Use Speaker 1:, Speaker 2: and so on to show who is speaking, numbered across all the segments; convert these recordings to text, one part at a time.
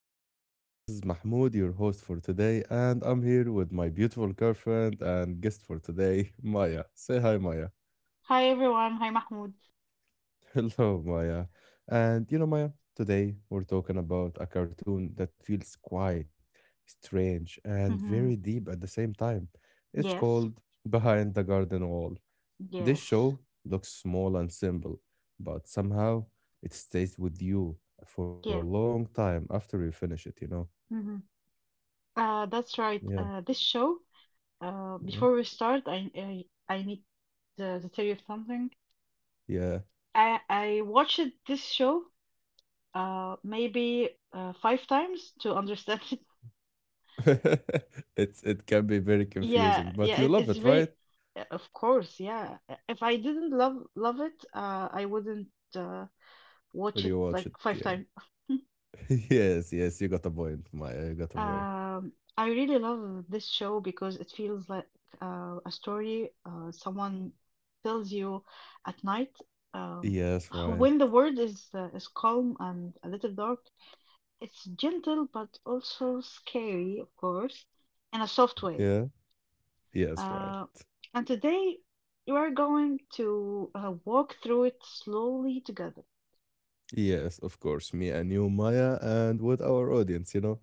Speaker 1: podcast. This is Mahmoud, your host for today, and I'm here with my beautiful girlfriend and guest for today, Maya. Say hi, Maya.
Speaker 2: Hi everyone. Hi Mahmoud.
Speaker 1: Hello, Maya. And you know, Maya, today we're talking about a cartoon that feels quiet, strange, and very
Speaker 2: hmm
Speaker 1: deep at the same time. It's
Speaker 2: Yes.
Speaker 1: called Behind the Garden Wall. This
Speaker 2: Yes.
Speaker 1: show looks small and simple, but somehow it stays with you for a
Speaker 2: Yeah.
Speaker 1: long time after you finish it.
Speaker 2: hmm that's right.
Speaker 1: Yeah,
Speaker 2: This show.
Speaker 1: yeah,
Speaker 2: Before we start, I need to tell you something.
Speaker 1: yeah.
Speaker 2: I watched this show. Maybe five times to understand it.
Speaker 1: It can be very
Speaker 2: Yeah.
Speaker 1: confusing, but
Speaker 2: Yeah.
Speaker 1: you
Speaker 2: It,
Speaker 1: love
Speaker 2: it's
Speaker 1: it, right?
Speaker 2: very. Of course. Yeah. If I didn't love it, I wouldn't uh, watch
Speaker 1: When
Speaker 2: it
Speaker 1: you watch
Speaker 2: like
Speaker 1: it,
Speaker 2: five
Speaker 1: yeah.
Speaker 2: times.
Speaker 1: Yes, yes, you got a point, Maya. You got a point.
Speaker 2: I really love this show because it feels like a story someone tells you at night. Um,
Speaker 1: Yes, right.
Speaker 2: when the world is calm and a little dark, it's gentle but also scary, of course, in a soft way.
Speaker 1: Yeah. Yes, right.
Speaker 2: Uh, and today you are going to walk through it slowly together.
Speaker 1: Yes, of course. Me and you, Maya, and with our audience.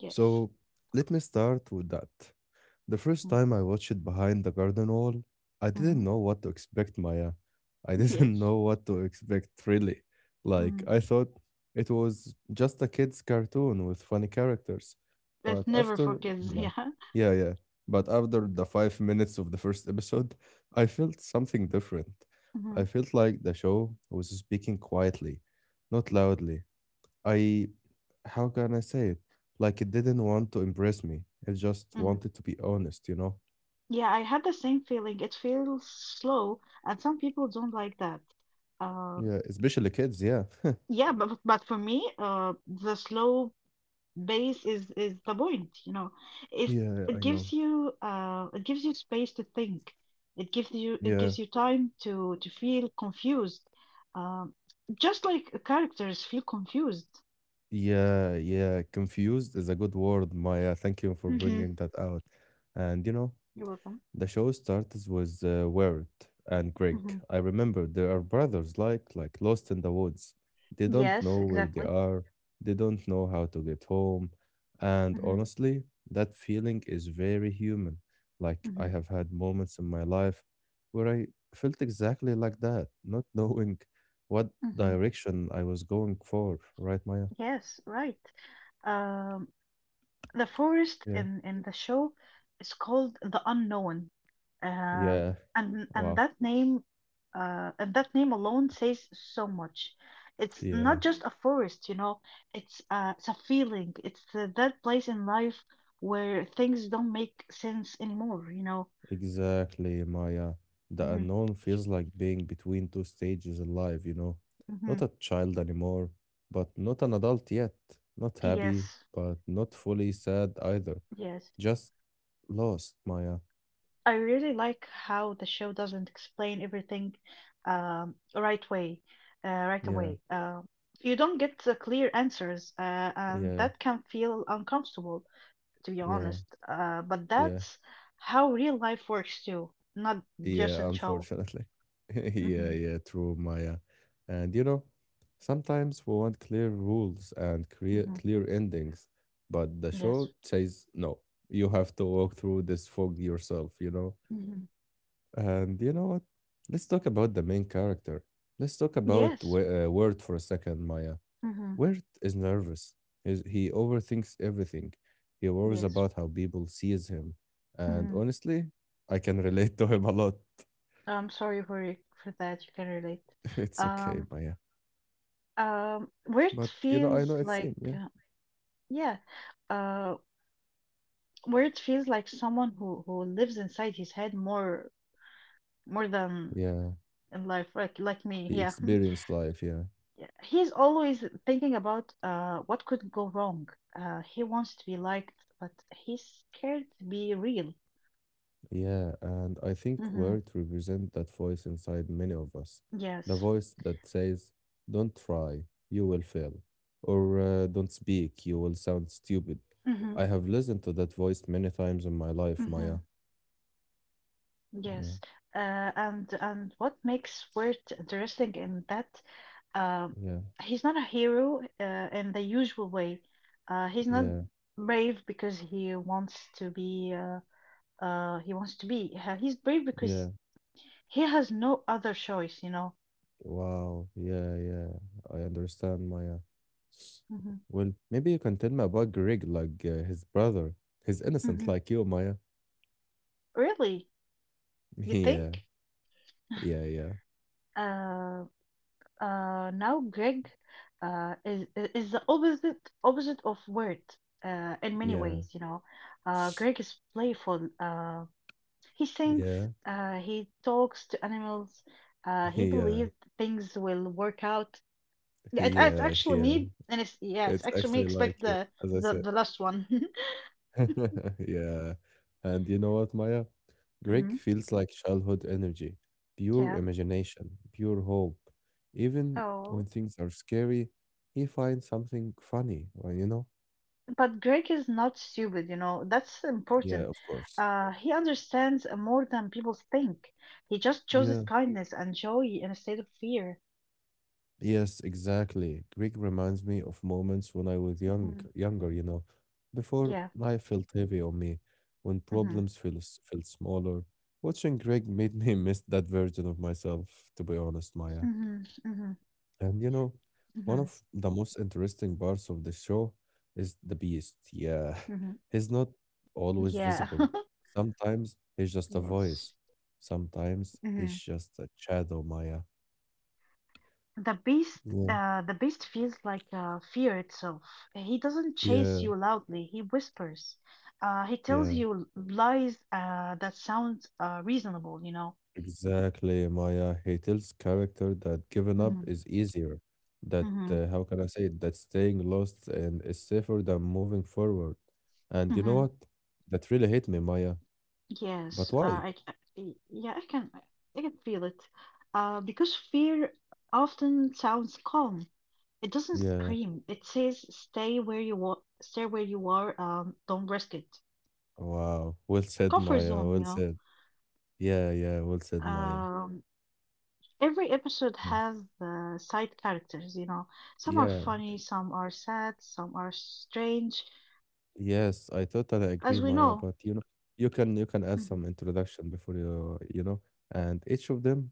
Speaker 2: Yes.
Speaker 1: So let me start with that. The first
Speaker 2: Mm-hmm.
Speaker 1: time I watched Behind the Garden Wall, I
Speaker 2: Mm-hmm.
Speaker 1: didn't know what to expect, Maya. I didn't
Speaker 2: Yes.
Speaker 1: know what to expect, really. Like,
Speaker 2: Mm-hmm.
Speaker 1: I thought it was just a kid's cartoon with funny characters. But
Speaker 2: That's never for
Speaker 1: after,
Speaker 2: kids.
Speaker 1: like,
Speaker 2: Yeah.
Speaker 1: yeah, yeah. But after the 5 minutes of the first episode, I felt something different.
Speaker 2: Mm-hmm.
Speaker 1: I felt like the show was speaking quietly, not loudly. I how can I say it? Like it didn't want to impress me. It just
Speaker 2: Mm-hmm.
Speaker 1: wanted to be honest, you know?
Speaker 2: Yeah, I had the same feeling. It feels slow, and some people don't like that. Uh,
Speaker 1: Yeah, especially kids, yeah.
Speaker 2: but for me, the slow pace is the point, you know. It
Speaker 1: Yeah,
Speaker 2: it
Speaker 1: I know.
Speaker 2: gives you it gives you space to think. It
Speaker 1: Yeah.
Speaker 2: gives you time to feel confused. Um, just like characters feel confused.
Speaker 1: Yeah, yeah. Confused is a good word, Maya. Thank you for
Speaker 2: Mm-hmm.
Speaker 1: bringing that out. And you know,
Speaker 2: You're welcome.
Speaker 1: the show starts with Word and Greg.
Speaker 2: hmm
Speaker 1: I remember they are brothers, like lost in the woods. They don't
Speaker 2: Yes,
Speaker 1: know where they
Speaker 2: exactly.
Speaker 1: are. They don't know how to get home. And
Speaker 2: hmm
Speaker 1: honestly, that feeling is very human. Like I
Speaker 2: hmm
Speaker 1: have had moments in my life where I felt exactly like that, not knowing what
Speaker 2: hmm
Speaker 1: direction I was going for. Right, Maya?
Speaker 2: Yes, right. Um, the forest
Speaker 1: Yeah.
Speaker 2: in in the show is called the Unknown, um,
Speaker 1: Yeah.
Speaker 2: and
Speaker 1: Wow.
Speaker 2: that name, and that name alone says so much. It's
Speaker 1: Yeah.
Speaker 2: not just a forest, you know. It's a feeling. It's that place in life where things don't make sense anymore, you know.
Speaker 1: Exactly, Maya. The
Speaker 2: hmm
Speaker 1: unknown feels like being between two stages in life, you know?
Speaker 2: hmm
Speaker 1: Not a child anymore, but not an adult yet. Not happy,
Speaker 2: Yes,
Speaker 1: but not fully sad either.
Speaker 2: yes.
Speaker 1: Just lost, Maya.
Speaker 2: I really like how the show doesn't explain everything um, right way, right
Speaker 1: Yeah,
Speaker 2: away. You don't get the clear answers, and
Speaker 1: yeah,
Speaker 2: that can feel uncomfortable, to be
Speaker 1: yeah,
Speaker 2: honest. But
Speaker 1: yeah.
Speaker 2: that's how real life works too, not just
Speaker 1: Yeah,
Speaker 2: in show.
Speaker 1: unfortunately. Yeah,
Speaker 2: hmm
Speaker 1: yeah, true, Maya. And you know, sometimes we want clear rules and
Speaker 2: hmm
Speaker 1: clear endings, but the show
Speaker 2: Yes.
Speaker 1: says no. You have to walk through this fog yourself, you know.
Speaker 2: hmm
Speaker 1: And you know what? Let's talk about the main character. Let's talk about
Speaker 2: Yes.
Speaker 1: Word for a second, Maya.
Speaker 2: hmm
Speaker 1: Word is nervous. He overthinks everything. He worries
Speaker 2: Yes.
Speaker 1: about how people sees him. And
Speaker 2: hmm
Speaker 1: honestly, I can relate to him a lot.
Speaker 2: I'm sorry for that. You can relate.
Speaker 1: It's okay,
Speaker 2: Um,
Speaker 1: Maya.
Speaker 2: where it
Speaker 1: But you know, I
Speaker 2: feels
Speaker 1: know it's
Speaker 2: like,
Speaker 1: him. Yeah,
Speaker 2: Yeah. Uh, where it feels like someone who lives inside his head more than
Speaker 1: yeah.
Speaker 2: in life like me,
Speaker 1: He
Speaker 2: yeah.
Speaker 1: experienced life. Yeah,
Speaker 2: He's always thinking about what could go wrong. Uh he wants to be liked, but he's scared to be real.
Speaker 1: yeah. And I think
Speaker 2: mm-hmm.
Speaker 1: words represent that voice inside many of us, the
Speaker 2: yes
Speaker 1: voice that says, "Don't try, you will fail," or "Don't speak, you will sound stupid."
Speaker 2: mm-hmm.
Speaker 1: I have listened to that voice many times in my life,
Speaker 2: Mm-hmm.
Speaker 1: Maya. Yeah,
Speaker 2: yes and what makes Wirt interesting in that, um,
Speaker 1: yeah,
Speaker 2: he's not a hero in the usual way. He's not
Speaker 1: yeah,
Speaker 2: brave because he wants to be. He wants to be he's brave
Speaker 1: yeah.
Speaker 2: because he has no other choice, you know.
Speaker 1: Wow. Yeah, yeah. I understand, Maya.
Speaker 2: hmm
Speaker 1: Well, maybe you can tell me about Greg, like his brother. He's innocent
Speaker 2: hmm
Speaker 1: like you, Maya.
Speaker 2: Really? You think?
Speaker 1: Yeah, yeah, yeah,
Speaker 2: Uh now greg uh is is the opposite of Word in many
Speaker 1: yeah,
Speaker 2: ways, you know. Uh Greg is playful. Uh he sings.
Speaker 1: yeah,
Speaker 2: Uh he talks to animals. Uh he
Speaker 1: yeah,
Speaker 2: believes things will work out. Yeah it, it's
Speaker 1: yeah,
Speaker 2: actually
Speaker 1: yeah.
Speaker 2: me and it's yeah It's
Speaker 1: It's
Speaker 2: actually me,
Speaker 1: actually like
Speaker 2: expect
Speaker 1: you,
Speaker 2: the
Speaker 1: as I
Speaker 2: the,
Speaker 1: said.
Speaker 2: the last one.
Speaker 1: Yeah. And you know what, Maya? Greg
Speaker 2: hmm
Speaker 1: feels like childhood energy, pure
Speaker 2: Mhm.
Speaker 1: imagination, pure hope. Even when
Speaker 2: Oh,
Speaker 1: things are scary, he finds something funny, you know?
Speaker 2: but Greg is not stupid, you know. That's
Speaker 1: Yeah,
Speaker 2: important.
Speaker 1: of course.
Speaker 2: He understands more than people think. He just chooses
Speaker 1: Yeah.
Speaker 2: kindness and joy instead of fear.
Speaker 1: Yes, exactly. Greek reminds me of moments when I was young,
Speaker 2: Mhm.
Speaker 1: younger, you know, before
Speaker 2: Yeah.
Speaker 1: life felt heavy on me, when
Speaker 2: Mm-hmm.
Speaker 1: problems feel, s- felt smaller. Watching Greek made me miss that version of myself, to be honest, Maya.
Speaker 2: Mm-hmm. Mm-hmm.
Speaker 1: And you know, one
Speaker 2: Mm-hmm.
Speaker 1: of the most interesting parts of the show is the beast. Yeah.
Speaker 2: Mm-hmm.
Speaker 1: He's not always
Speaker 2: Yeah.
Speaker 1: visible. Sometimes he's just a
Speaker 2: Yes.
Speaker 1: voice. Sometimes he's
Speaker 2: hmm
Speaker 1: just a shadow, Maya.
Speaker 2: The beast,
Speaker 1: Yeah.
Speaker 2: the beast feels like fear itself. He doesn't
Speaker 1: Yeah,
Speaker 2: chase you loudly. He whispers. He tells
Speaker 1: yeah,
Speaker 2: you lies that sound reasonable, you know.
Speaker 1: exactly, Maya. He tells character that giving up
Speaker 2: Mm-hmm.
Speaker 1: is easier, that how can I say it, that staying lost and is safer than moving forward. And you know
Speaker 2: Mm-hmm.
Speaker 1: what? That really hit me, Maya.
Speaker 2: Yes,
Speaker 1: But why?
Speaker 2: I, c- y- yeah, I can feel it. Because fear often sounds calm. It doesn't
Speaker 1: Yeah.
Speaker 2: scream. It says, Stay where you are. Don't risk it."
Speaker 1: Wow. Well said,
Speaker 2: Comfort
Speaker 1: Maya.
Speaker 2: zone, you
Speaker 1: Well
Speaker 2: know.
Speaker 1: said. Yeah, yeah. Well said, Maya.
Speaker 2: Um, every episode
Speaker 1: Yeah.
Speaker 2: has the side characters. You know, some are
Speaker 1: Yeah.
Speaker 2: funny, some are sad, some are strange,
Speaker 1: Yes, I totally agree,
Speaker 2: as we
Speaker 1: Maya.
Speaker 2: know.
Speaker 1: But you know, you can add
Speaker 2: Mm-hmm,
Speaker 1: some introduction before you you know, and each of them,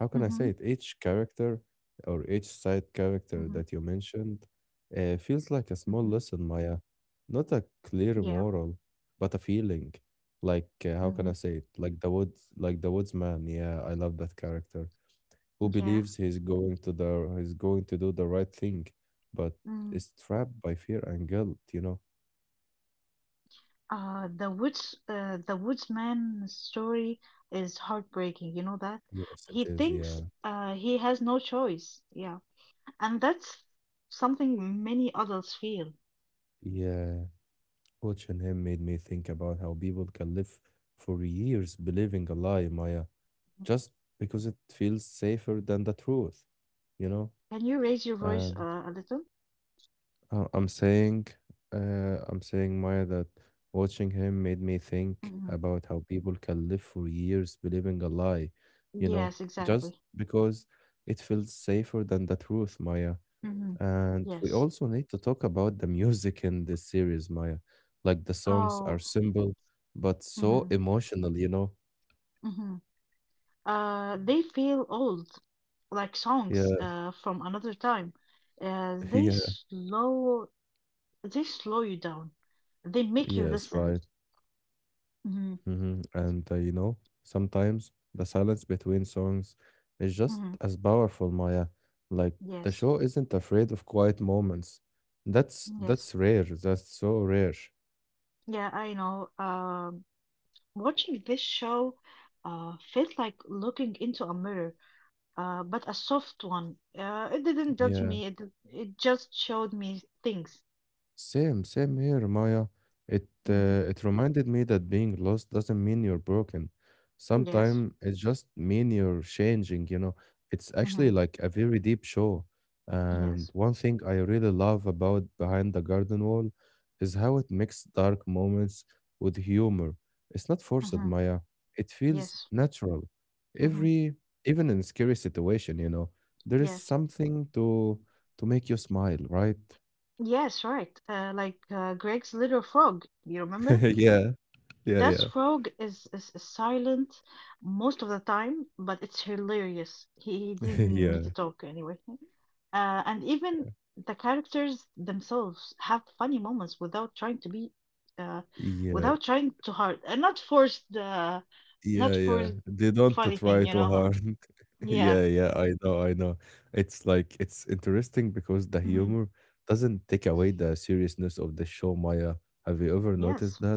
Speaker 1: how can I
Speaker 2: mm-hmm,
Speaker 1: say it? Each character or each side character
Speaker 2: mm-hmm,
Speaker 1: that you mentioned, feels like a small
Speaker 2: mm-hmm.
Speaker 1: lesson, Maya. Not a clear
Speaker 2: yeah,
Speaker 1: moral, but a feeling. Like how can
Speaker 2: mm-hmm,
Speaker 1: I say it? Like the woods, like the woodsman. Yeah, I love that character who
Speaker 2: yeah.
Speaker 1: believes he's going to do the right thing, but
Speaker 2: mm.
Speaker 1: is trapped by fear and guilt. You know.
Speaker 2: The woods, the woodsman story is heartbreaking. You know that
Speaker 1: Yes, it
Speaker 2: he
Speaker 1: is.
Speaker 2: thinks
Speaker 1: Yeah.
Speaker 2: he has no choice. Yeah, and that's something many adults feel.
Speaker 1: Yeah. Watching him made me think about how people can live for years believing a lie, Maya, just because it feels safer than the truth, you know?
Speaker 2: Can you raise your voice
Speaker 1: And
Speaker 2: a little?
Speaker 1: uh, I'm saying, I'm saying, Maya, that watching him made me think
Speaker 2: hmm
Speaker 1: about how people can live for years believing a lie, you know,
Speaker 2: Yes,
Speaker 1: just
Speaker 2: exactly.
Speaker 1: because it feels safer than the truth, Maya.
Speaker 2: hmm
Speaker 1: And we
Speaker 2: Yes.
Speaker 1: also need to talk about the music in this series, Maya. Like the songs are
Speaker 2: Oh.
Speaker 1: simple, but
Speaker 2: hmm
Speaker 1: so emotional, you know?
Speaker 2: hmm they feel old, like songs
Speaker 1: Yeah,
Speaker 2: from another time. Uh, they
Speaker 1: yeah,
Speaker 2: slow, they slow you down. They make you
Speaker 1: yes,
Speaker 2: listen.
Speaker 1: right.
Speaker 2: Mm-hmm.
Speaker 1: And you know, sometimes the silence between songs is just
Speaker 2: Mhm.
Speaker 1: as powerful, Maya. Like the
Speaker 2: Yes,
Speaker 1: show isn't afraid of quiet moments. That's
Speaker 2: yes.
Speaker 1: that's rare. That's so rare.
Speaker 2: Yeah, I know. Watching this show felt like looking into a mirror, but a soft one. Uh, it didn't judge
Speaker 1: Yeah.
Speaker 2: me. It did- it just showed me things.
Speaker 1: Same, same here, Maya. It
Speaker 2: hmm
Speaker 1: uh, it reminded me that being lost doesn't mean you're broken.
Speaker 2: Yes.
Speaker 1: Sometimes it just mean you're changing, you know. It's actually
Speaker 2: hmm
Speaker 1: like a very deep show. And
Speaker 2: Yes.
Speaker 1: one thing I really love about Behind the Garden Wall is how it mixes dark moments with humor. It's not forced,
Speaker 2: hmm
Speaker 1: Maya. It feels
Speaker 2: Yes.
Speaker 1: natural.
Speaker 2: hmm
Speaker 1: Every even in scary situation, you know, there is
Speaker 2: Yes.
Speaker 1: something to make you smile, right?
Speaker 2: Yes, right. Like Greg's little frog. You remember?
Speaker 1: Yeah. Yeah,
Speaker 2: This
Speaker 1: yeah.
Speaker 2: frog is silent most of the time, but it's hilarious. He didn't
Speaker 1: Yeah,
Speaker 2: need to talk anyway. And even the characters themselves have funny moments without trying to be, uh,
Speaker 1: yeah,
Speaker 2: without trying too hard, and not forced. uh, not
Speaker 1: yeah, yeah.
Speaker 2: forced
Speaker 1: They don't to
Speaker 2: funny thing,
Speaker 1: try
Speaker 2: you know?
Speaker 1: too
Speaker 2: Huh?
Speaker 1: hard.
Speaker 2: Yeah.
Speaker 1: Yeah, yeah, I know, I know. It's like it's interesting because the
Speaker 2: hmm
Speaker 1: humor doesn't take away the seriousness of the show, Maya. Have you ever noticed
Speaker 2: Yes.
Speaker 1: that?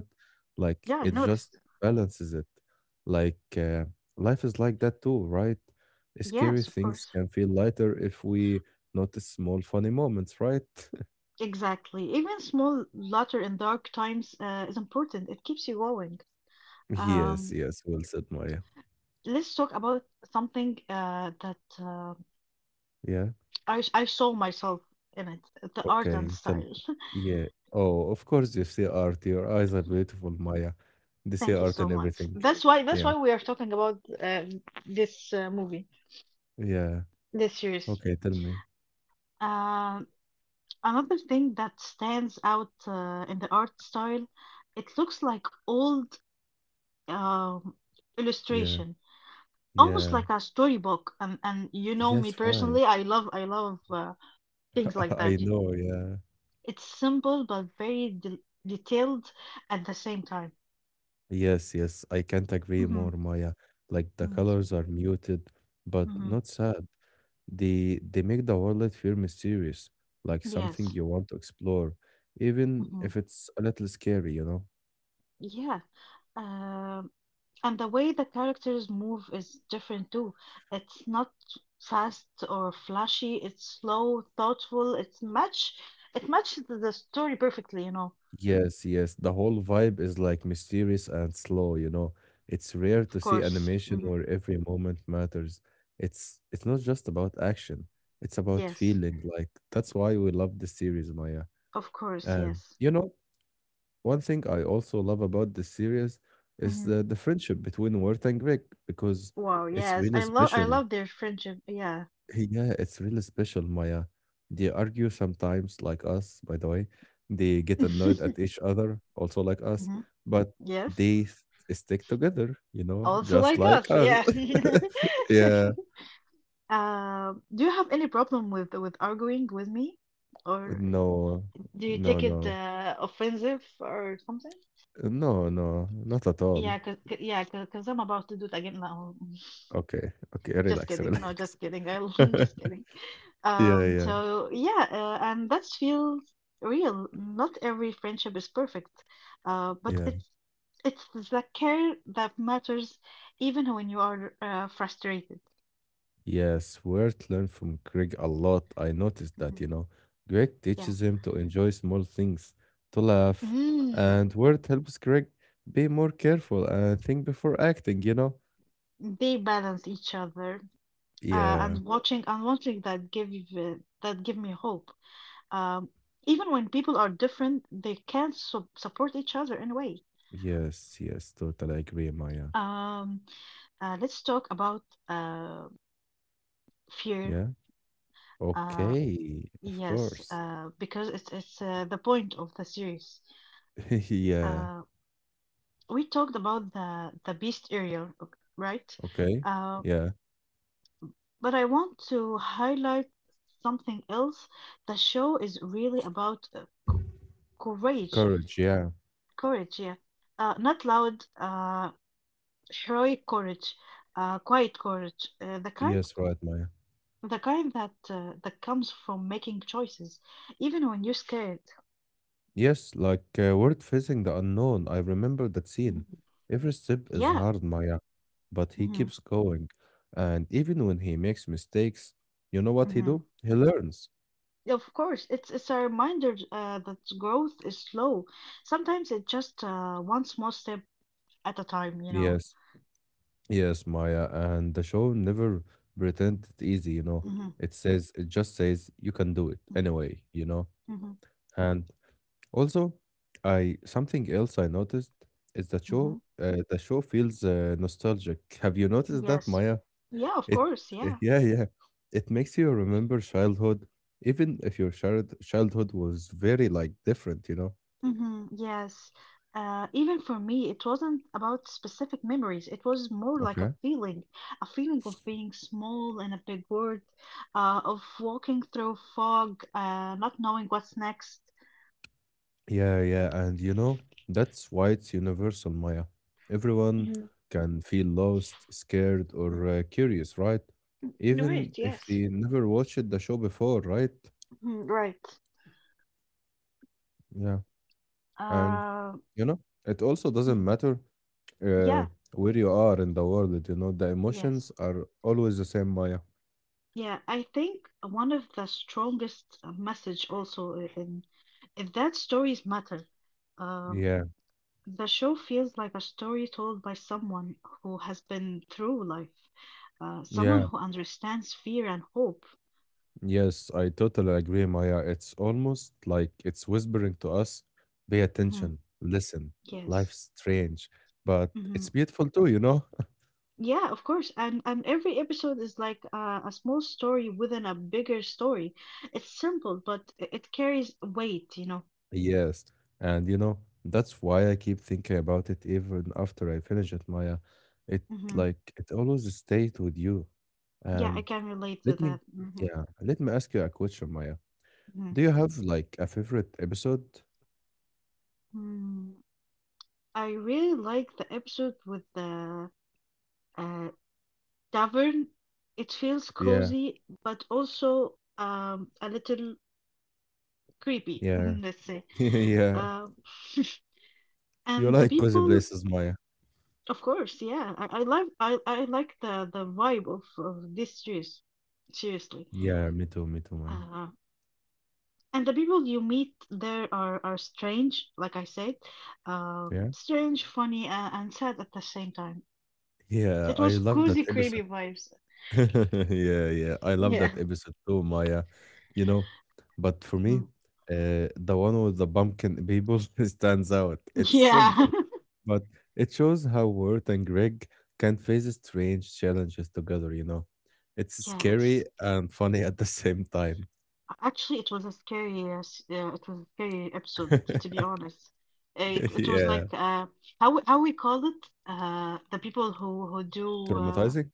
Speaker 1: Like
Speaker 2: Yeah, I
Speaker 1: it just
Speaker 2: noticed.
Speaker 1: balances it. Like life is like that too, right? Scary
Speaker 2: Yes, of
Speaker 1: things
Speaker 2: course.
Speaker 1: can feel lighter if we notice small funny moments, right?
Speaker 2: Exactly. Even small laughter in dark times is important. It keeps you going.
Speaker 1: Yes,
Speaker 2: Um,
Speaker 1: yes, well said, Maya.
Speaker 2: Let's talk about something that
Speaker 1: Yeah.
Speaker 2: I saw myself in it, the art and
Speaker 1: Okay, tell
Speaker 2: style.
Speaker 1: yeah. Oh, of course you see art. Your eyes are beautiful, Maya. They see
Speaker 2: Thank you
Speaker 1: art
Speaker 2: so
Speaker 1: in
Speaker 2: much.
Speaker 1: everything.
Speaker 2: That's
Speaker 1: Yeah.
Speaker 2: why we are talking about this movie,
Speaker 1: Yeah.
Speaker 2: this series.
Speaker 1: Okay, tell me.
Speaker 2: Uh, another thing that stands out in the art style, it looks like old um,
Speaker 1: Yeah.
Speaker 2: illustration, almost
Speaker 1: Yeah.
Speaker 2: like a storybook. And you know me
Speaker 1: Yes, right.
Speaker 2: personally, I love things like
Speaker 1: I
Speaker 2: that.
Speaker 1: know, yeah.
Speaker 2: It's simple but very del detailed at the same time.
Speaker 1: Yes, yes. I can't agree
Speaker 2: hmm
Speaker 1: more, Maya. Like the
Speaker 2: Mhm. Yes.
Speaker 1: colors are muted, but
Speaker 2: hmm
Speaker 1: not sad. They make the world feel mysterious, like something
Speaker 2: Yes.
Speaker 1: you want to explore, even
Speaker 2: hmm
Speaker 1: if it's a little scary, you know?
Speaker 2: Yeah. Um, and the way the characters move is different too. It's not fast or flashy. It's slow, thoughtful. It's much. It matches the story perfectly, you know.
Speaker 1: Yes, yes. The whole vibe is like mysterious and slow, you know. It's rare
Speaker 2: Of
Speaker 1: to see
Speaker 2: course.
Speaker 1: animation
Speaker 2: Mhm.
Speaker 1: where every moment matters. It's not just about action, it's about
Speaker 2: Yes.
Speaker 1: feeling. Like that's why we love the series, Maya.
Speaker 2: Of course.
Speaker 1: And
Speaker 2: Yes.
Speaker 1: you know, one thing I also love about this series is
Speaker 2: hmm
Speaker 1: the friendship between Wirt and Greg because
Speaker 2: Wow.
Speaker 1: it's
Speaker 2: Yes.
Speaker 1: really
Speaker 2: I
Speaker 1: special.
Speaker 2: love their friendship. Yeah.
Speaker 1: Yeah, it's really special, Maya. They argue sometimes, like us, by the way. They get annoyed at each other, also like us,
Speaker 2: hmm
Speaker 1: but
Speaker 2: Yes.
Speaker 1: they s- stick together, you know,
Speaker 2: Also
Speaker 1: just
Speaker 2: like
Speaker 1: like
Speaker 2: us,
Speaker 1: us.
Speaker 2: yeah.
Speaker 1: Yeah.
Speaker 2: Do you have any problem with arguing with me? Or
Speaker 1: No,
Speaker 2: do you
Speaker 1: no,
Speaker 2: take it
Speaker 1: no,
Speaker 2: offensive or something?
Speaker 1: no, no, not at all.
Speaker 2: Yeah, cause, c- yeah, because I'm about to do it again now.
Speaker 1: Okay, okay,
Speaker 2: Just
Speaker 1: relax,
Speaker 2: kidding. No,
Speaker 1: relax.
Speaker 2: just kidding. I just kidding.
Speaker 1: Yeah,
Speaker 2: Um,
Speaker 1: yeah,
Speaker 2: so yeah, uh, and that feels real. Not every friendship is perfect, uh, but
Speaker 1: yeah.
Speaker 2: it's it's the care that matters, even when you are frustrated.
Speaker 1: Yes, Wirt learned from Greg a lot. I noticed that, you
Speaker 2: Mhm.
Speaker 1: know. Greg
Speaker 2: Yeah.
Speaker 1: teaches him to enjoy small things, to laugh,
Speaker 2: Mm,
Speaker 1: and Wirt helps Greg be more careful and think before acting, you know?
Speaker 2: they balance each other, uh,
Speaker 1: Yeah,
Speaker 2: and Yeah. watching and watching that that give me hope. Um, even when people are different, they can su support each other in a way.
Speaker 1: yes, yes, totally agree, Maya.
Speaker 2: Um, let's talk about uh, fear.
Speaker 1: Yeah,
Speaker 2: Uh,
Speaker 1: okay, of
Speaker 2: yes,
Speaker 1: course.
Speaker 2: because it's the point of the series.
Speaker 1: Yeah,
Speaker 2: Uh, we talked about the beast area, right?
Speaker 1: okay,
Speaker 2: Uh,
Speaker 1: yeah,
Speaker 2: but I want to highlight something else. The show is really about courage,
Speaker 1: courage, yeah.
Speaker 2: courage, yeah. Not loud, heroic courage, quiet courage. Uh, the kind,
Speaker 1: Yes, right, Maya.
Speaker 2: the kind that that comes from making choices, even when you're scared.
Speaker 1: Yes, like word facing the unknown. I remember that
Speaker 2: Mhm.
Speaker 1: scene. Every step is
Speaker 2: Yeah.
Speaker 1: hard, Maya, but he
Speaker 2: hmm
Speaker 1: keeps going. And even when he makes mistakes, you know what he
Speaker 2: hmm
Speaker 1: do? He learns.
Speaker 2: Of course, it's a reminder that growth is slow. Sometimes it's just one small step at a time, you know.
Speaker 1: Yes, yes, Maya. And the show never pretend it easy, you know.
Speaker 2: hmm
Speaker 1: It says, it just says you can do it anyway, you know.
Speaker 2: Mhm.
Speaker 1: And also, I something else I noticed is that
Speaker 2: hmm hmm
Speaker 1: show, uh, the show feels nostalgic. Have you noticed that,
Speaker 2: Yes.
Speaker 1: Maya?
Speaker 2: Yeah, of
Speaker 1: It
Speaker 2: course. Yeah.
Speaker 1: yeah, yeah. It makes you remember childhood, even if your childhood was very like different, you know?
Speaker 2: Yes. Even for me, it wasn't about specific memories. It was more like
Speaker 1: Okay.
Speaker 2: a feeling of being small in a big world, of walking through fog, not knowing what's next.
Speaker 1: Yeah, yeah, and you know, that's why it's universal, Maya. Everyone
Speaker 2: Mhm.
Speaker 1: can feel lost, scared,
Speaker 2: Mm,
Speaker 1: or curious, right?
Speaker 2: right,
Speaker 1: Even if
Speaker 2: yes.
Speaker 1: they never watched the show before, right?
Speaker 2: Mhm, right.
Speaker 1: Yeah, and
Speaker 2: Uh,
Speaker 1: you know, it also doesn't
Speaker 2: mhm.
Speaker 1: matter uh,
Speaker 2: yeah,
Speaker 1: where you are in the world, you know, the emotions
Speaker 2: yes.
Speaker 1: are always the same, Maya.
Speaker 2: Yeah, I think one of the strongest message also in if that stories matter. Uh,
Speaker 1: Yeah,
Speaker 2: The show feels like a story told by someone who has been through life, someone
Speaker 1: yeah.
Speaker 2: who understands fear and hope.
Speaker 1: Yes, I totally agree, Maya. It's almost like it's whispering to us, pay
Speaker 2: hmm
Speaker 1: attention, listen.
Speaker 2: Yes.
Speaker 1: Life's strange, but
Speaker 2: hmm
Speaker 1: it's beautiful too, you know?
Speaker 2: Yeah, of course. And every episode is like a small story within a bigger story. It's simple, but it carries weight, you know.
Speaker 1: Yes. And you know, that's why I keep thinking about it even after I finish it, Maya. It
Speaker 2: hmm
Speaker 1: like it always stays with you.
Speaker 2: Yeah, I
Speaker 1: And
Speaker 2: can relate to
Speaker 1: let
Speaker 2: that.
Speaker 1: me, yeah, let me ask you a question, Maya.
Speaker 2: Hmm
Speaker 1: Do you have like a favorite episode?
Speaker 2: mm I really like the episode with the uh, tavern. It feels
Speaker 1: Yeah,
Speaker 2: cozy, but also a little creepy,
Speaker 1: yeah,
Speaker 2: let's say.
Speaker 1: yeah.
Speaker 2: Um,
Speaker 1: You
Speaker 2: and the
Speaker 1: like cozy
Speaker 2: people,
Speaker 1: places, Maya.
Speaker 2: of course, yeah, I like the vibe of this series, seriously.
Speaker 1: Yeah, me too, Maya.
Speaker 2: Uh, and the people you meet there are strange, like I said,
Speaker 1: Yeah.
Speaker 2: strange, funny, and sad at the same time.
Speaker 1: Yeah,
Speaker 2: It
Speaker 1: I
Speaker 2: was
Speaker 1: love that
Speaker 2: cozy, creepy
Speaker 1: episode.
Speaker 2: vibes.
Speaker 1: Yeah, yeah. I love
Speaker 2: Yeah.
Speaker 1: that episode too, Maya. You know, but for me,
Speaker 2: Mhm.
Speaker 1: the one with the pumpkin people stands out. It's
Speaker 2: Yeah.
Speaker 1: simple, but it shows how Worth and Greg can face strange challenges together, you know. It's
Speaker 2: Yeah,
Speaker 1: scary
Speaker 2: it's
Speaker 1: and funny at the same time.
Speaker 2: Actually, it was a scary, it was a scary episode, to be honest. It was like
Speaker 1: Yeah.
Speaker 2: how we call it, the people who do,
Speaker 1: Traumatizing?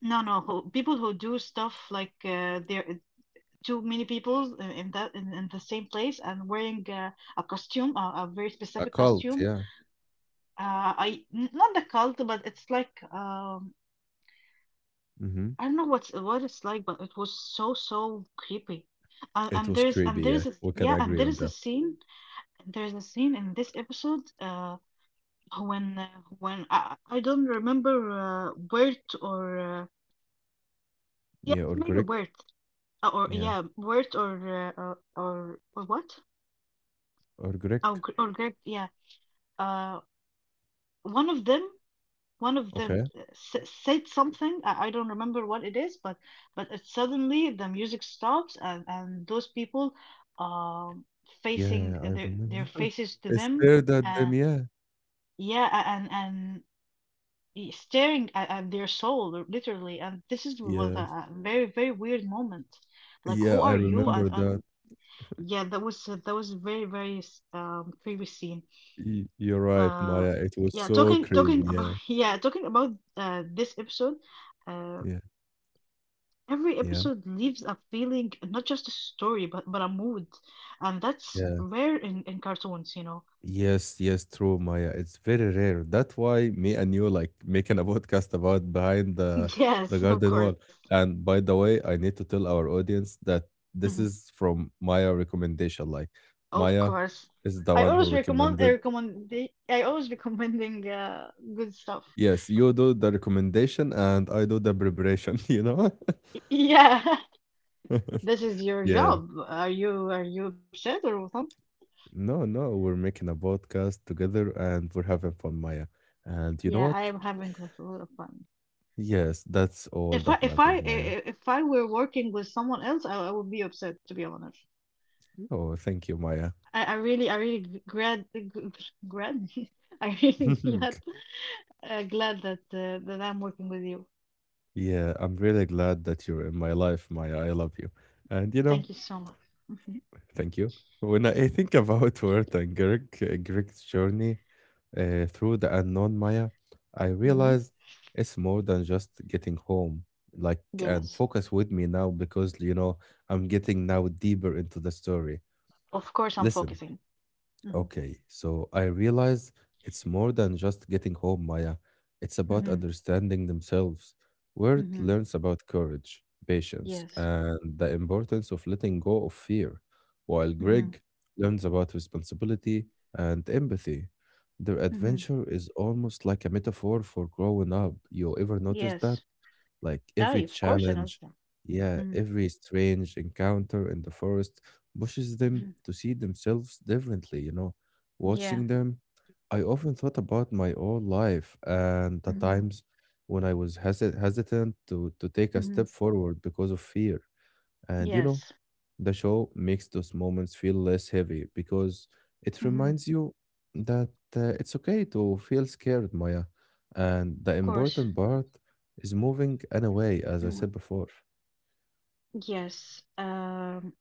Speaker 2: no no who, people who do stuff like, there are too many people in that in the same place and wearing a costume, a very
Speaker 1: A
Speaker 2: specific
Speaker 1: cult,
Speaker 2: costume.
Speaker 1: yeah.
Speaker 2: I n- not the cult, but it's like,
Speaker 1: Hmm.
Speaker 2: I don't know what's what it's like, but it was so creepy.
Speaker 1: It was
Speaker 2: And
Speaker 1: creepy, yeah.
Speaker 2: there's a
Speaker 1: We can
Speaker 2: yeah and
Speaker 1: agree
Speaker 2: there
Speaker 1: on
Speaker 2: is a
Speaker 1: that.
Speaker 2: scene There's a scene in this episode, when uh, when I don't remember, Bert or yeah,
Speaker 1: Yeah,
Speaker 2: it's
Speaker 1: or
Speaker 2: maybe
Speaker 1: Greg.
Speaker 2: Bert, uh, or
Speaker 1: Yeah,
Speaker 2: yeah, Bert or or what?
Speaker 1: or
Speaker 2: Or
Speaker 1: Greek.
Speaker 2: Greg? Yeah, uh, one of them, one of them
Speaker 1: Okay.
Speaker 2: uh, s- said something. I don't remember what it is, but it suddenly the music stops and those people um facing
Speaker 1: Yeah, I
Speaker 2: their
Speaker 1: remember.
Speaker 2: faces to
Speaker 1: I
Speaker 2: them.
Speaker 1: stared at
Speaker 2: Uh,
Speaker 1: them, yeah.
Speaker 2: yeah, and staring at their soul literally, and this is was a,
Speaker 1: Yeah.
Speaker 2: a very weird moment. Like, who
Speaker 1: Yeah, I
Speaker 2: are you? Yeah.
Speaker 1: remember
Speaker 2: and
Speaker 1: that.
Speaker 2: and yeah, that was very previous scene.
Speaker 1: Y you're right,
Speaker 2: uh
Speaker 1: Maya. It was
Speaker 2: yeah,
Speaker 1: so
Speaker 2: talking
Speaker 1: crazy.
Speaker 2: talking about
Speaker 1: Yeah.
Speaker 2: yeah, talking about this episode. uh
Speaker 1: Yeah.
Speaker 2: every
Speaker 1: Yeah.
Speaker 2: episode leaves a feeling, not just a story, but a mood, and that's
Speaker 1: Yeah.
Speaker 2: rare in cartoons, you know.
Speaker 1: Yes, yes, true, Maya. It's very rare. That's why me and you like making a podcast about behind the the
Speaker 2: Yes, of
Speaker 1: garden wall.
Speaker 2: course.
Speaker 1: And by the way, I need to tell our audience that this
Speaker 2: Mm-hmm.
Speaker 1: is from Maya recommendation. Like
Speaker 2: Of
Speaker 1: Maya
Speaker 2: course.
Speaker 1: is the one who recommended.
Speaker 2: I recommend I always recommending good stuff.
Speaker 1: Yes, you do the recommendation and I do the preparation, you know?
Speaker 2: Yeah. This is your
Speaker 1: Yeah.
Speaker 2: job. Are you upset or something?
Speaker 1: No, no, we're making a podcast together and we're having fun, Maya. And you know
Speaker 2: Yeah, I
Speaker 1: what?
Speaker 2: am having a lot of fun.
Speaker 1: Yes, that's all
Speaker 2: If I
Speaker 1: that
Speaker 2: if I
Speaker 1: matters, Maya.
Speaker 2: i- if I were working with someone else, I would be upset, to be honest.
Speaker 1: Oh, thank you, Maya.
Speaker 2: I really g- glad g- g- glad I really glad that that I'm working with you.
Speaker 1: Yeah, I'm really glad that you're in my life, Maya. I love you. And you know,
Speaker 2: Thank you so much. Hmm.
Speaker 1: thank you. When I think about Wert and Greg, Greg's journey, through the unknown Maya, I
Speaker 2: Hmm.
Speaker 1: realized it's more than just getting home. Like, and
Speaker 2: Yes.
Speaker 1: focus with me now because, you know, I'm getting now deeper into the story.
Speaker 2: Of course I'm
Speaker 1: Listen.
Speaker 2: focusing. Hmm.
Speaker 1: Okay, so I realize it's more than just getting home, Maya. It's about
Speaker 2: Hmm.
Speaker 1: understanding themselves. Word
Speaker 2: Mm-hmm.
Speaker 1: learns about courage, patience,
Speaker 2: Yes.
Speaker 1: and the importance of letting go of fear, while
Speaker 2: Mm-hmm.
Speaker 1: Greg learns about responsibility and empathy. Their
Speaker 2: Mm-hmm.
Speaker 1: adventure is almost like a metaphor for growing up. You ever noticed that?
Speaker 2: Yes.
Speaker 1: Like
Speaker 2: Ah,
Speaker 1: every
Speaker 2: of course, I know
Speaker 1: challenge,
Speaker 2: that.
Speaker 1: yeah,
Speaker 2: Mm-hmm.
Speaker 1: every strange encounter in the forest pushes them
Speaker 2: Hmm.
Speaker 1: to see themselves differently, you know.
Speaker 2: Yeah.
Speaker 1: Watching them, I often thought about my own life and the
Speaker 2: Mm-hmm.
Speaker 1: times when I was hesitant to take a
Speaker 2: Mm-hmm.
Speaker 1: step forward because of fear. And you know,
Speaker 2: Yes.
Speaker 1: the show makes those moments feel less heavy because it
Speaker 2: Mm-hmm.
Speaker 1: reminds you that it's okay to feel scared, Maya. And the
Speaker 2: Of course.
Speaker 1: important part is moving anyway, as I
Speaker 2: Mm.
Speaker 1: said before.
Speaker 2: Yes.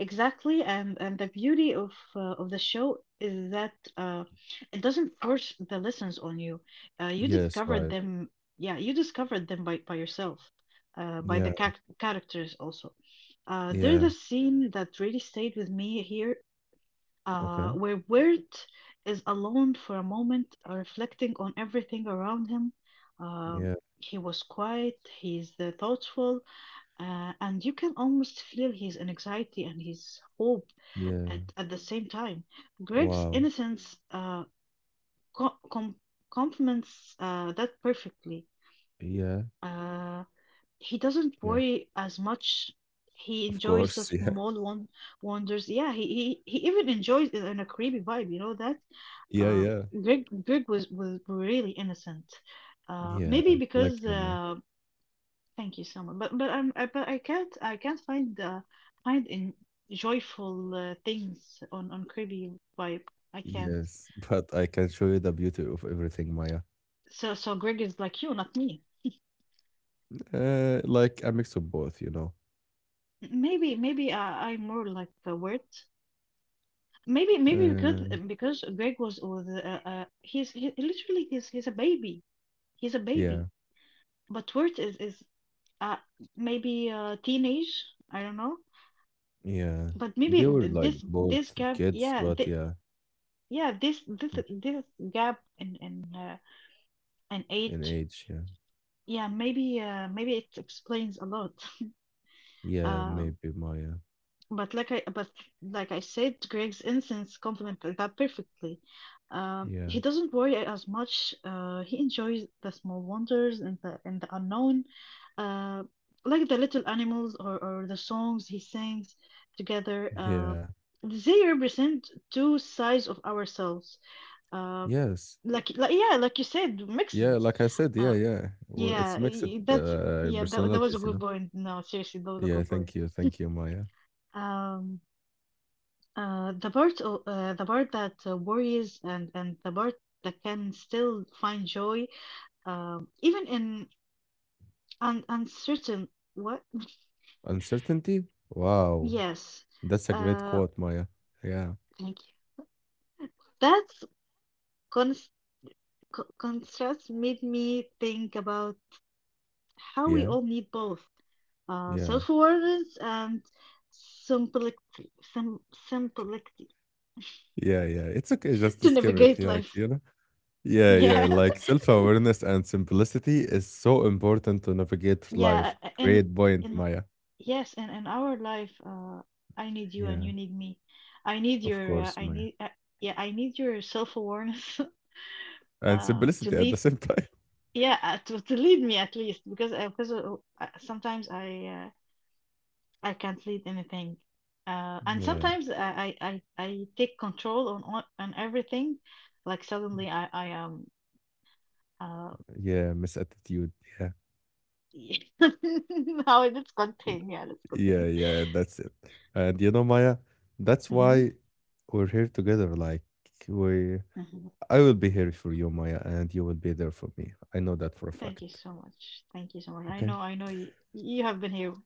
Speaker 2: Exactly. And the beauty of the show is that it doesn't force the lessons on you. You
Speaker 1: Yes,
Speaker 2: discovered
Speaker 1: right.
Speaker 2: them. Yeah, you discovered them by yourself. By the
Speaker 1: Yeah,
Speaker 2: characters also. There's
Speaker 1: yeah.
Speaker 2: a scene that really stayed with me here,
Speaker 1: Okay.
Speaker 2: where Wirt is alone for a moment, reflecting on everything around him. Um
Speaker 1: Yeah,
Speaker 2: he was quiet, he's thoughtful, and you can almost feel his anxiety and his hope
Speaker 1: yeah.
Speaker 2: at the same time. Greg's
Speaker 1: Wow.
Speaker 2: innocence co- com- complements that perfectly.
Speaker 1: Yeah,
Speaker 2: Uh, he doesn't
Speaker 1: yeah.
Speaker 2: worry as much. He
Speaker 1: Of
Speaker 2: enjoys the
Speaker 1: course.
Speaker 2: small one wonders. Yeah, he even enjoys it in a creepy vibe. You know that?
Speaker 1: Yeah, yeah,
Speaker 2: Um,
Speaker 1: yeah.
Speaker 2: Greg was really innocent.
Speaker 1: Yeah,
Speaker 2: Maybe
Speaker 1: like
Speaker 2: because
Speaker 1: you, Maya.
Speaker 2: Thank you so much. But I can't find find in joyful things on creepy vibe. I can't.
Speaker 1: Yes, but I can show you the beauty of everything, Maya.
Speaker 2: So Greg is like you, not me.
Speaker 1: Like a mix of both, you know.
Speaker 2: Maybe I'm more like a word. Maybe because
Speaker 1: Uh,
Speaker 2: Greg was literally he's a baby, he's a
Speaker 1: yeah.
Speaker 2: baby, but Wirt is uh maybe teenage, I don't know,
Speaker 1: Yeah,
Speaker 2: but maybe
Speaker 1: they were
Speaker 2: th-
Speaker 1: like
Speaker 2: this
Speaker 1: both
Speaker 2: this gap,
Speaker 1: kids,
Speaker 2: yeah
Speaker 1: but
Speaker 2: th
Speaker 1: yeah,
Speaker 2: yeah this gap in
Speaker 1: in
Speaker 2: age.
Speaker 1: age, yeah,
Speaker 2: Yeah maybe it explains a lot.
Speaker 1: yeah,
Speaker 2: Um,
Speaker 1: maybe Maya,
Speaker 2: But like I said, Greg's innocence complemented that perfectly.
Speaker 1: yeah,
Speaker 2: He doesn't worry as much. He enjoys the small wonders and the unknown, uh, like the little animals, or the songs he sings together.
Speaker 1: yeah,
Speaker 2: They represent two sides of ourselves. Uh,
Speaker 1: yes,
Speaker 2: like yeah, like you said, mixed.
Speaker 1: yeah. Like I said, yeah,
Speaker 2: Uh,
Speaker 1: yeah, well, it's
Speaker 2: yeah,
Speaker 1: mixed
Speaker 2: y- that's yeah. That
Speaker 1: personalities,
Speaker 2: was a
Speaker 1: you know.
Speaker 2: good point. No, seriously, that was a
Speaker 1: Yeah,
Speaker 2: good point.
Speaker 1: thank you, Maya.
Speaker 2: Um. The part that worries, and the part that can still find joy even in un uncertain what?
Speaker 1: Uncertainty. Wow,
Speaker 2: Yes.
Speaker 1: that's a great
Speaker 2: uh
Speaker 1: quote, Maya. Yeah,
Speaker 2: Thank you. That's cons co- contrast made me think about how we
Speaker 1: yeah,
Speaker 2: all need both,
Speaker 1: yeah,
Speaker 2: self-awareness and simplicity, simplicity
Speaker 1: yeah, yeah. It's okay, just to
Speaker 2: to
Speaker 1: skip it.
Speaker 2: navigate
Speaker 1: Yeah, like
Speaker 2: life.
Speaker 1: you know. Yeah, yeah.
Speaker 2: Yeah.
Speaker 1: Like self-awareness and simplicity is so important to navigate
Speaker 2: Yeah.
Speaker 1: life.
Speaker 2: in
Speaker 1: Great point,
Speaker 2: in
Speaker 1: Maya.
Speaker 2: Yes, and in our life, I need you and
Speaker 1: Yeah,
Speaker 2: you need me. I need
Speaker 1: of
Speaker 2: your,
Speaker 1: course, man.
Speaker 2: yeah, I need your self-awareness
Speaker 1: And
Speaker 2: to
Speaker 1: simplicity at the
Speaker 2: lead,
Speaker 1: same time.
Speaker 2: yeah, to lead me, at least, because sometimes I can't lead anything, and
Speaker 1: Yeah,
Speaker 2: sometimes I take control on everything, like suddenly I am, uh,
Speaker 1: yeah, misattitude. Yeah,
Speaker 2: how it's contained, yeah, let's
Speaker 1: yeah,
Speaker 2: contain.
Speaker 1: yeah, that's it. And you know, Maya, that's why we're here together. Like we,
Speaker 2: Hmm.
Speaker 1: I will be here for you, Maya, and you will be there for me. I know that for a
Speaker 2: Thank you
Speaker 1: fact.
Speaker 2: so much. Thank you so much.
Speaker 1: Okay.
Speaker 2: I know you, you have been here.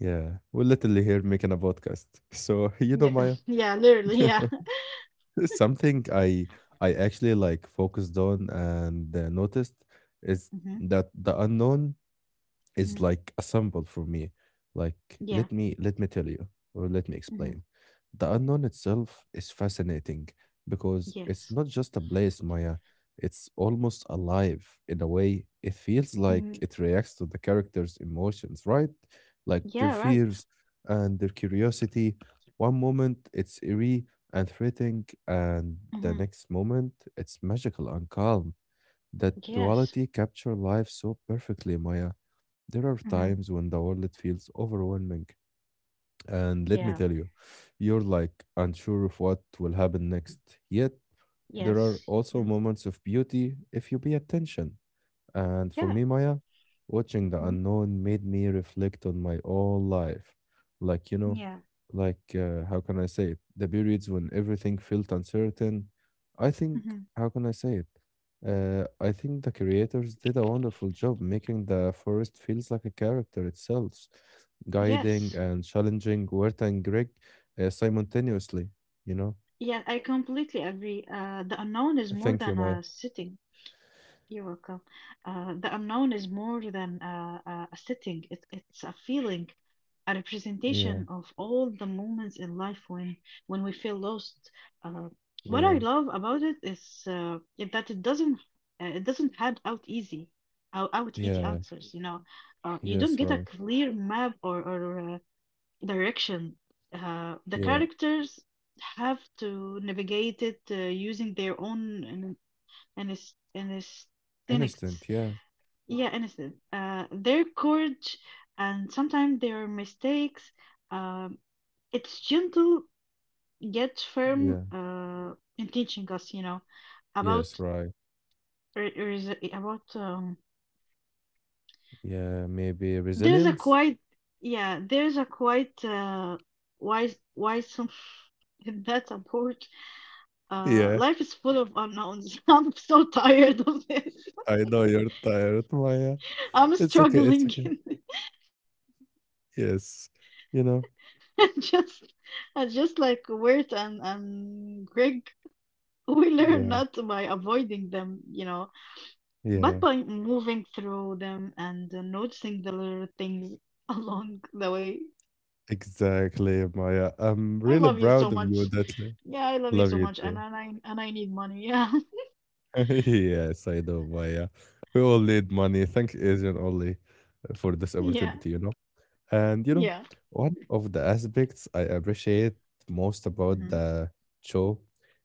Speaker 1: Yeah, we're literally here making a podcast. So you know,
Speaker 2: Yeah,
Speaker 1: Maya,
Speaker 2: yeah, literally, yeah.
Speaker 1: something I actually like focused on and noticed is
Speaker 2: Hmm.
Speaker 1: that the unknown is
Speaker 2: Hmm.
Speaker 1: like a symbol for me. Like, let
Speaker 2: Yeah.
Speaker 1: me let me tell you, or let me
Speaker 2: Hmm.
Speaker 1: explain. The unknown itself is fascinating because it's not
Speaker 2: Yes.
Speaker 1: just a place, Maya. It's almost alive in a way. It feels like
Speaker 2: Hmm.
Speaker 1: it reacts to the characters' emotions, right? Like their
Speaker 2: Yeah, right.
Speaker 1: fears and their curiosity. One moment it's eerie and threatening, and the
Speaker 2: Hmm.
Speaker 1: next moment it's magical and calm. That
Speaker 2: Yes.
Speaker 1: duality capture life so perfectly, Maya. There are
Speaker 2: Hmm.
Speaker 1: times when the world feels overwhelming, and let me
Speaker 2: Yeah.
Speaker 1: tell you, you're like unsure of what will happen next. Yet, there are
Speaker 2: Yes.
Speaker 1: also
Speaker 2: Mm.
Speaker 1: moments of beauty if you pay attention. And for
Speaker 2: Yeah.
Speaker 1: me, Maya, watching The
Speaker 2: Hmm.
Speaker 1: Unknown made me reflect on my own life. Like, you know,
Speaker 2: Yeah.
Speaker 1: like, how can I say it? The periods when everything felt uncertain. I think,
Speaker 2: Hmm.
Speaker 1: how can I say it? I think the creators did a wonderful job making the forest feels like a character itself, guiding
Speaker 2: Yes.
Speaker 1: and challenging Huerta and Greg simultaneously, you know?
Speaker 2: Yeah, I completely agree. The unknown is
Speaker 1: Thank you,
Speaker 2: more than
Speaker 1: Maya.
Speaker 2: a city. You're welcome. The unknown is more than a setting, it's a feeling, a
Speaker 1: Yeah,
Speaker 2: representation of all the moments in life when we feel lost. Uh, what
Speaker 1: yeah,
Speaker 2: I love about it is that it doesn't have out easy out easy
Speaker 1: yeah,
Speaker 2: answers. You know, you don't
Speaker 1: yes,
Speaker 2: get a
Speaker 1: right.
Speaker 2: clear map, or direction. The
Speaker 1: Yeah,
Speaker 2: characters have to navigate it using their own Anesthetics.
Speaker 1: innocent. Yeah,
Speaker 2: Yeah, anesthetic. Their courage and sometimes their mistakes. Um, it's gentle yet firm
Speaker 1: yeah.
Speaker 2: in teaching us, you know, about
Speaker 1: Yes, right.
Speaker 2: about.
Speaker 1: Yeah, maybe
Speaker 2: There's a
Speaker 1: resilience?
Speaker 2: quite yeah. There's a quite wise, wise some in that approach.
Speaker 1: Yeah,
Speaker 2: Life is full of unknowns. I'm so tired of this.
Speaker 1: I know you're tired, Maya.
Speaker 2: I'm
Speaker 1: It's okay, it's
Speaker 2: struggling.
Speaker 1: okay. Yes, you know?
Speaker 2: Just, just like Wirt and Greg, we learn
Speaker 1: Yeah,
Speaker 2: not by avoiding them, you know, but
Speaker 1: yeah,
Speaker 2: by moving through them and noticing the little things along the way.
Speaker 1: exactly, Maya. I'm
Speaker 2: I
Speaker 1: really
Speaker 2: love you
Speaker 1: proud
Speaker 2: so
Speaker 1: of you,
Speaker 2: much.
Speaker 1: that
Speaker 2: Yeah, I love you
Speaker 1: love
Speaker 2: so
Speaker 1: you
Speaker 2: much, and
Speaker 1: too.
Speaker 2: I need money. Yeah,
Speaker 1: Yes, I know, Maya. We all need money. Thank Asian only for this
Speaker 2: yeah,
Speaker 1: opportunity, you know? And you know,
Speaker 2: yeah.
Speaker 1: one of the aspects I appreciate most about
Speaker 2: Hmm.
Speaker 1: the show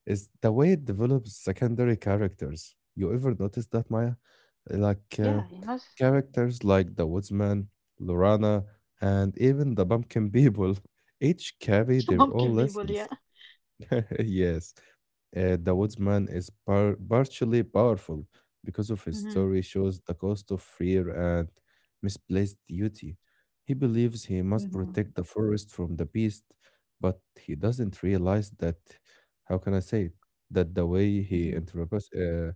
Speaker 1: is the way it develops secondary characters. You ever notice that, Maya? Like
Speaker 2: Yeah, you know,
Speaker 1: characters like the woodsman, Lorana, and even the pumpkin people each carry their
Speaker 2: monkey
Speaker 1: own
Speaker 2: people. Yeah.
Speaker 1: lessons. Yes, The Woodsman is partially powerful because of his
Speaker 2: Hmm.
Speaker 1: story shows the cost of fear and misplaced duty. He believes he
Speaker 2: Hmm.
Speaker 1: must protect the forest from the beast, but he
Speaker 2: Yes.
Speaker 1: doesn't realize that, how can I say it, that the way he
Speaker 2: Hmm.
Speaker 1: interprets, uh,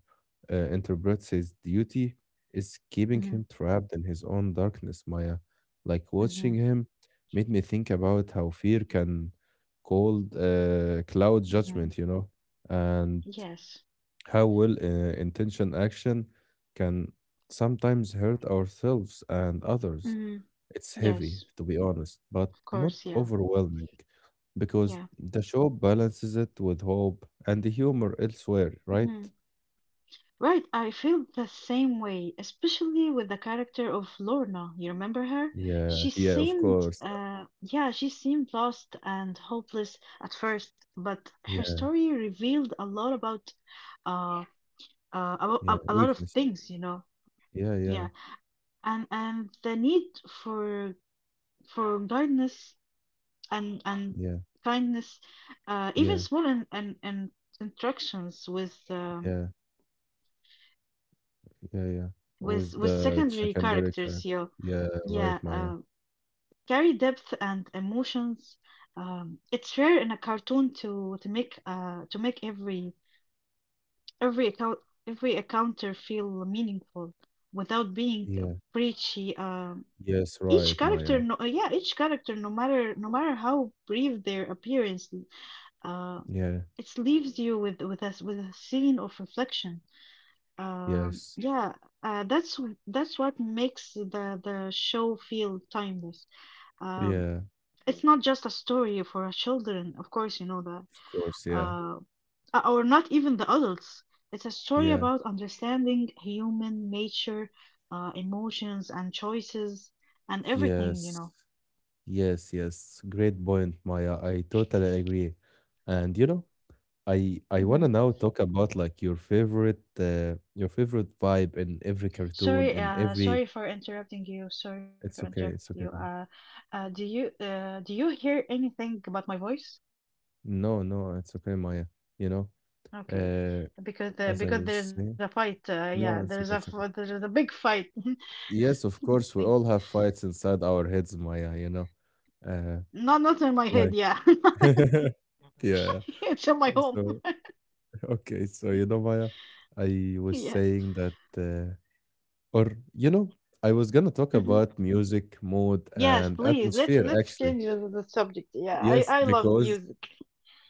Speaker 1: uh, interprets his duty is keeping
Speaker 2: Hmm.
Speaker 1: him trapped in his own darkness, Maya. Like
Speaker 2: Hmm.
Speaker 1: watching him made me think about how fear can called cloud
Speaker 2: Hmm.
Speaker 1: judgment, you know, and
Speaker 2: Yes.
Speaker 1: how well intention action can sometimes hurt ourselves and others.
Speaker 2: Hmm.
Speaker 1: It's heavy,
Speaker 2: Yes.
Speaker 1: to be honest, but
Speaker 2: Of
Speaker 1: not
Speaker 2: course. Yeah.
Speaker 1: overwhelming because
Speaker 2: Yeah.
Speaker 1: the show balances it with hope and the humor elsewhere,
Speaker 2: Mm-hmm.
Speaker 1: right?
Speaker 2: Right, I feel the same way, especially with the character of Lorna. You remember her?
Speaker 1: Yeah,
Speaker 2: She
Speaker 1: yeah, of
Speaker 2: seemed,
Speaker 1: course.
Speaker 2: yeah, she seemed lost and hopeless at first, but her
Speaker 1: Yeah,
Speaker 2: story revealed a lot uh, about
Speaker 1: yeah,
Speaker 2: a lot of
Speaker 1: weakness.
Speaker 2: things, you know.
Speaker 1: Yeah, yeah,
Speaker 2: Yeah, and the need for guidance and
Speaker 1: yeah,
Speaker 2: kindness, even
Speaker 1: yeah,
Speaker 2: small and interactions with
Speaker 1: yeah, yeah, yeah.
Speaker 2: with
Speaker 1: With
Speaker 2: with
Speaker 1: the
Speaker 2: secondary
Speaker 1: secondary
Speaker 2: characters
Speaker 1: character.
Speaker 2: you
Speaker 1: Yeah, right,
Speaker 2: yeah
Speaker 1: Maya.
Speaker 2: carry depth and emotions. It's rare in a cartoon to make to make every account, every encounter feel meaningful without being
Speaker 1: Yeah.
Speaker 2: preachy.
Speaker 1: Yes,
Speaker 2: Each
Speaker 1: right, Maya.
Speaker 2: character, each character, no matter how brief their appearance, uh
Speaker 1: Yeah,
Speaker 2: it leaves you with us with a scene of reflection.
Speaker 1: yes,
Speaker 2: Yeah, that's what makes the show feel timeless. Um,
Speaker 1: yeah,
Speaker 2: it's not just a story for children, of course, you know that,
Speaker 1: of course, yeah,
Speaker 2: uh, or not even the adults. It's a story
Speaker 1: yeah,
Speaker 2: about understanding human nature, emotions and choices and everything, you
Speaker 1: yes,
Speaker 2: know.
Speaker 1: yes, yes. Great point, Maya. I totally agree. And you know, I
Speaker 2: Hmm.
Speaker 1: wanna now talk about like your favorite vibe in every cartoon,
Speaker 2: Sorry,
Speaker 1: in every.
Speaker 2: sorry for interrupting you. Sorry for
Speaker 1: It's
Speaker 2: interrupting
Speaker 1: okay,
Speaker 2: you.
Speaker 1: it's okay, Maya.
Speaker 2: Do you do you hear anything about my voice?
Speaker 1: No, no, it's okay, Maya. You know,
Speaker 2: Okay,
Speaker 1: uh, as I
Speaker 2: because
Speaker 1: was
Speaker 2: there is a
Speaker 1: saying,
Speaker 2: fight. Yeah, there is
Speaker 1: no,
Speaker 2: a
Speaker 1: it's okay, it's
Speaker 2: there is
Speaker 1: okay.
Speaker 2: a big fight.
Speaker 1: Yes,
Speaker 2: Yeah,
Speaker 1: of
Speaker 2: thank
Speaker 1: course,
Speaker 2: you.
Speaker 1: we all have fights inside our heads, Maya. You know, uh.
Speaker 2: Not not in my head.
Speaker 1: like
Speaker 2: Yeah,
Speaker 1: yeah.
Speaker 2: it's in my home.
Speaker 1: So, okay. So, you know, Maya, I was
Speaker 2: Yeah.
Speaker 1: saying that, or, you know, I was going to talk
Speaker 2: Mhm.
Speaker 1: about music, mood,
Speaker 2: Yes,
Speaker 1: and
Speaker 2: please.
Speaker 1: atmosphere,
Speaker 2: Let's
Speaker 1: actually.
Speaker 2: change the subject. Yeah,
Speaker 1: Yes,
Speaker 2: I love
Speaker 1: because,
Speaker 2: music.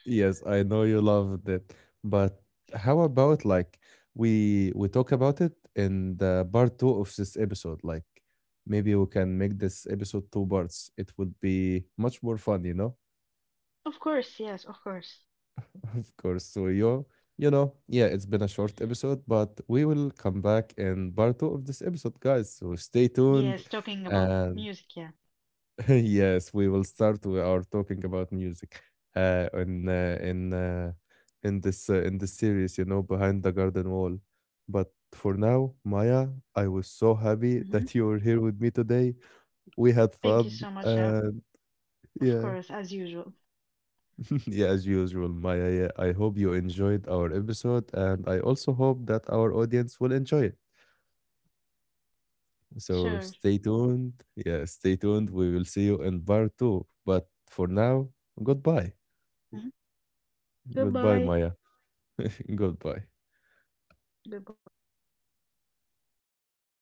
Speaker 1: yes, I know you loved it. But how about like we talk about it in the part 2 of this episode? Like maybe we can make this episode two parts. It would be much more fun, you know?
Speaker 2: Of course. Yes, of course.
Speaker 1: Of course, Suryo. You know, yeah, it's been a short episode, but we will come back in part 2 of this episode, guys. So stay
Speaker 2: Yes,
Speaker 1: tuned.
Speaker 2: talking about music.
Speaker 1: And
Speaker 2: Yeah.
Speaker 1: yes, we will start with our talking about music uh, in uh, in uh, in this series, you know, behind the garden wall. But for now, Maya, I was so
Speaker 2: Hmm.
Speaker 1: happy that you were here with me today. We
Speaker 2: Thank you
Speaker 1: had
Speaker 2: so much.
Speaker 1: fun, and
Speaker 2: Of course, as
Speaker 1: yeah.
Speaker 2: usual.
Speaker 1: Yeah, as usual, Maya. Yeah, I hope you enjoyed our episode, and I also hope that our audience will enjoy it.
Speaker 2: Sure.
Speaker 1: So stay tuned. Yeah, stay tuned. We will see you in part 2. But for now, goodbye.
Speaker 2: Mhm. Goodbye.
Speaker 1: Goodbye, Maya. goodbye.
Speaker 2: Goodbye.